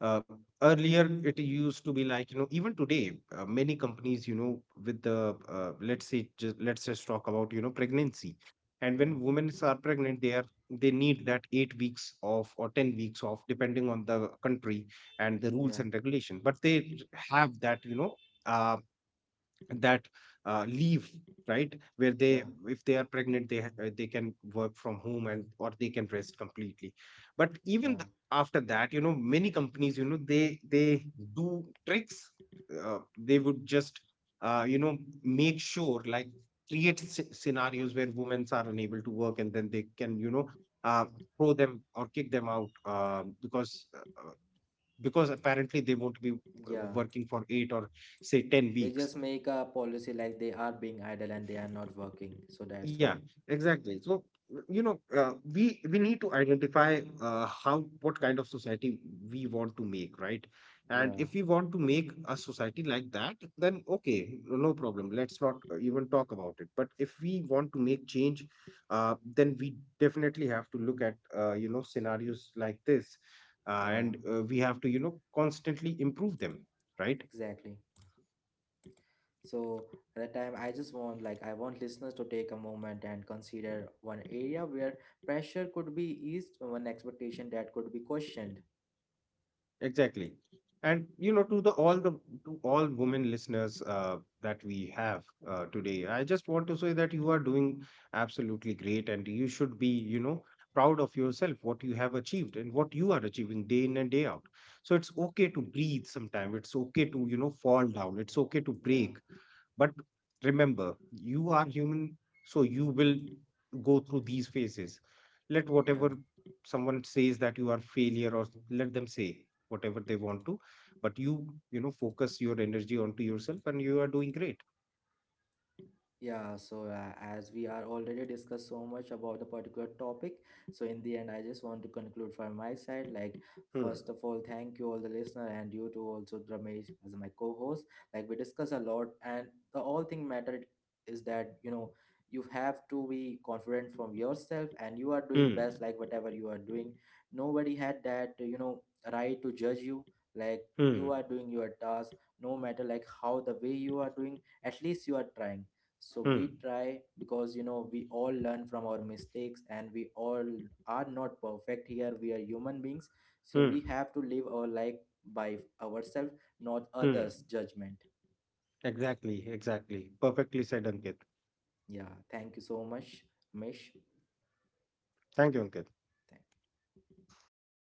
B: uh, earlier, it used to be like, you know, even today, many companies, you know, with the, let's say, just, let's just talk about, you know, pregnancy. And
A: yeah.
B: when women are pregnant, they are, they need that 8 weeks off or 10 weeks off, depending on the country and the
A: Yeah,
B: rules and regulation. But they have that, you know, uh, that leave, right, where
A: yeah,
B: they, if they are pregnant they they can work from home, and or they can rest completely. But even
A: yeah,
B: after that, you know, many companies, you know, they do tricks. They would just you know, make sure like create scenarios where women are unable to work, and then they can, you know, uh, throw them or kick them out, because apparently they won't be
A: yeah.
B: working for 8 or say 10
A: They
B: weeks.
A: just make a policy like they are being idle and they are not working. So that's
B: Yeah,
A: why.
B: exactly. So, you know, we need to identify how, what kind of society we want to make, right? And
A: Yeah,
B: if we want to make a society like that, then okay, no problem. Let's not even talk about it. But if we want to make change, then we definitely have to look at you know, scenarios like this,
A: yeah,
B: and we have to, you know, constantly improve them, right?
A: exactly. So at the time, I just want like I want listeners to take a moment and consider one area where pressure could be eased, one expectation that could be questioned.
B: Exactly. And you know, to the all the, to all women listeners that we have today, I just want to say that you are doing absolutely great, and you should be, you know, proud of yourself, what you have achieved and what you are achieving day in and day out. So it's okay to breathe sometime. It's okay to, you know, fall down. It's okay to
A: Yeah,
B: break. But remember, you are human, so you will go through these phases. Let
A: yeah.
B: whatever someone says that you are failure, or let them say whatever they want to, but you know, focus your energy onto yourself and you are doing great.
A: Yeah, so as we are already discussed so much about the particular topic, so in the end, I just want to conclude from my side. Like,
B: Hmm.
A: first of all, thank you all the listener and you too also Ramesh as my co-host. Like we discuss a lot, and the all thing matter is that you know you have to be confident from yourself, and you are doing
B: Hmm.
A: best. Like whatever you are doing, nobody had that you know right to judge you. Like you
B: Hmm.
A: are doing your task, no matter like how the way you are doing. At least you are trying so we
B: Hmm.
A: try because you know we all learn from our mistakes and we all are not perfect here we are human beings so
B: Hmm.
A: we have to live our life by ourselves not
B: Hmm.
A: others judgment.
B: Exactly. Exactly. Perfectly said, Ankit.
A: Yeah, thank you so much, mish.
B: Thank you, Ankit.
A: Thank.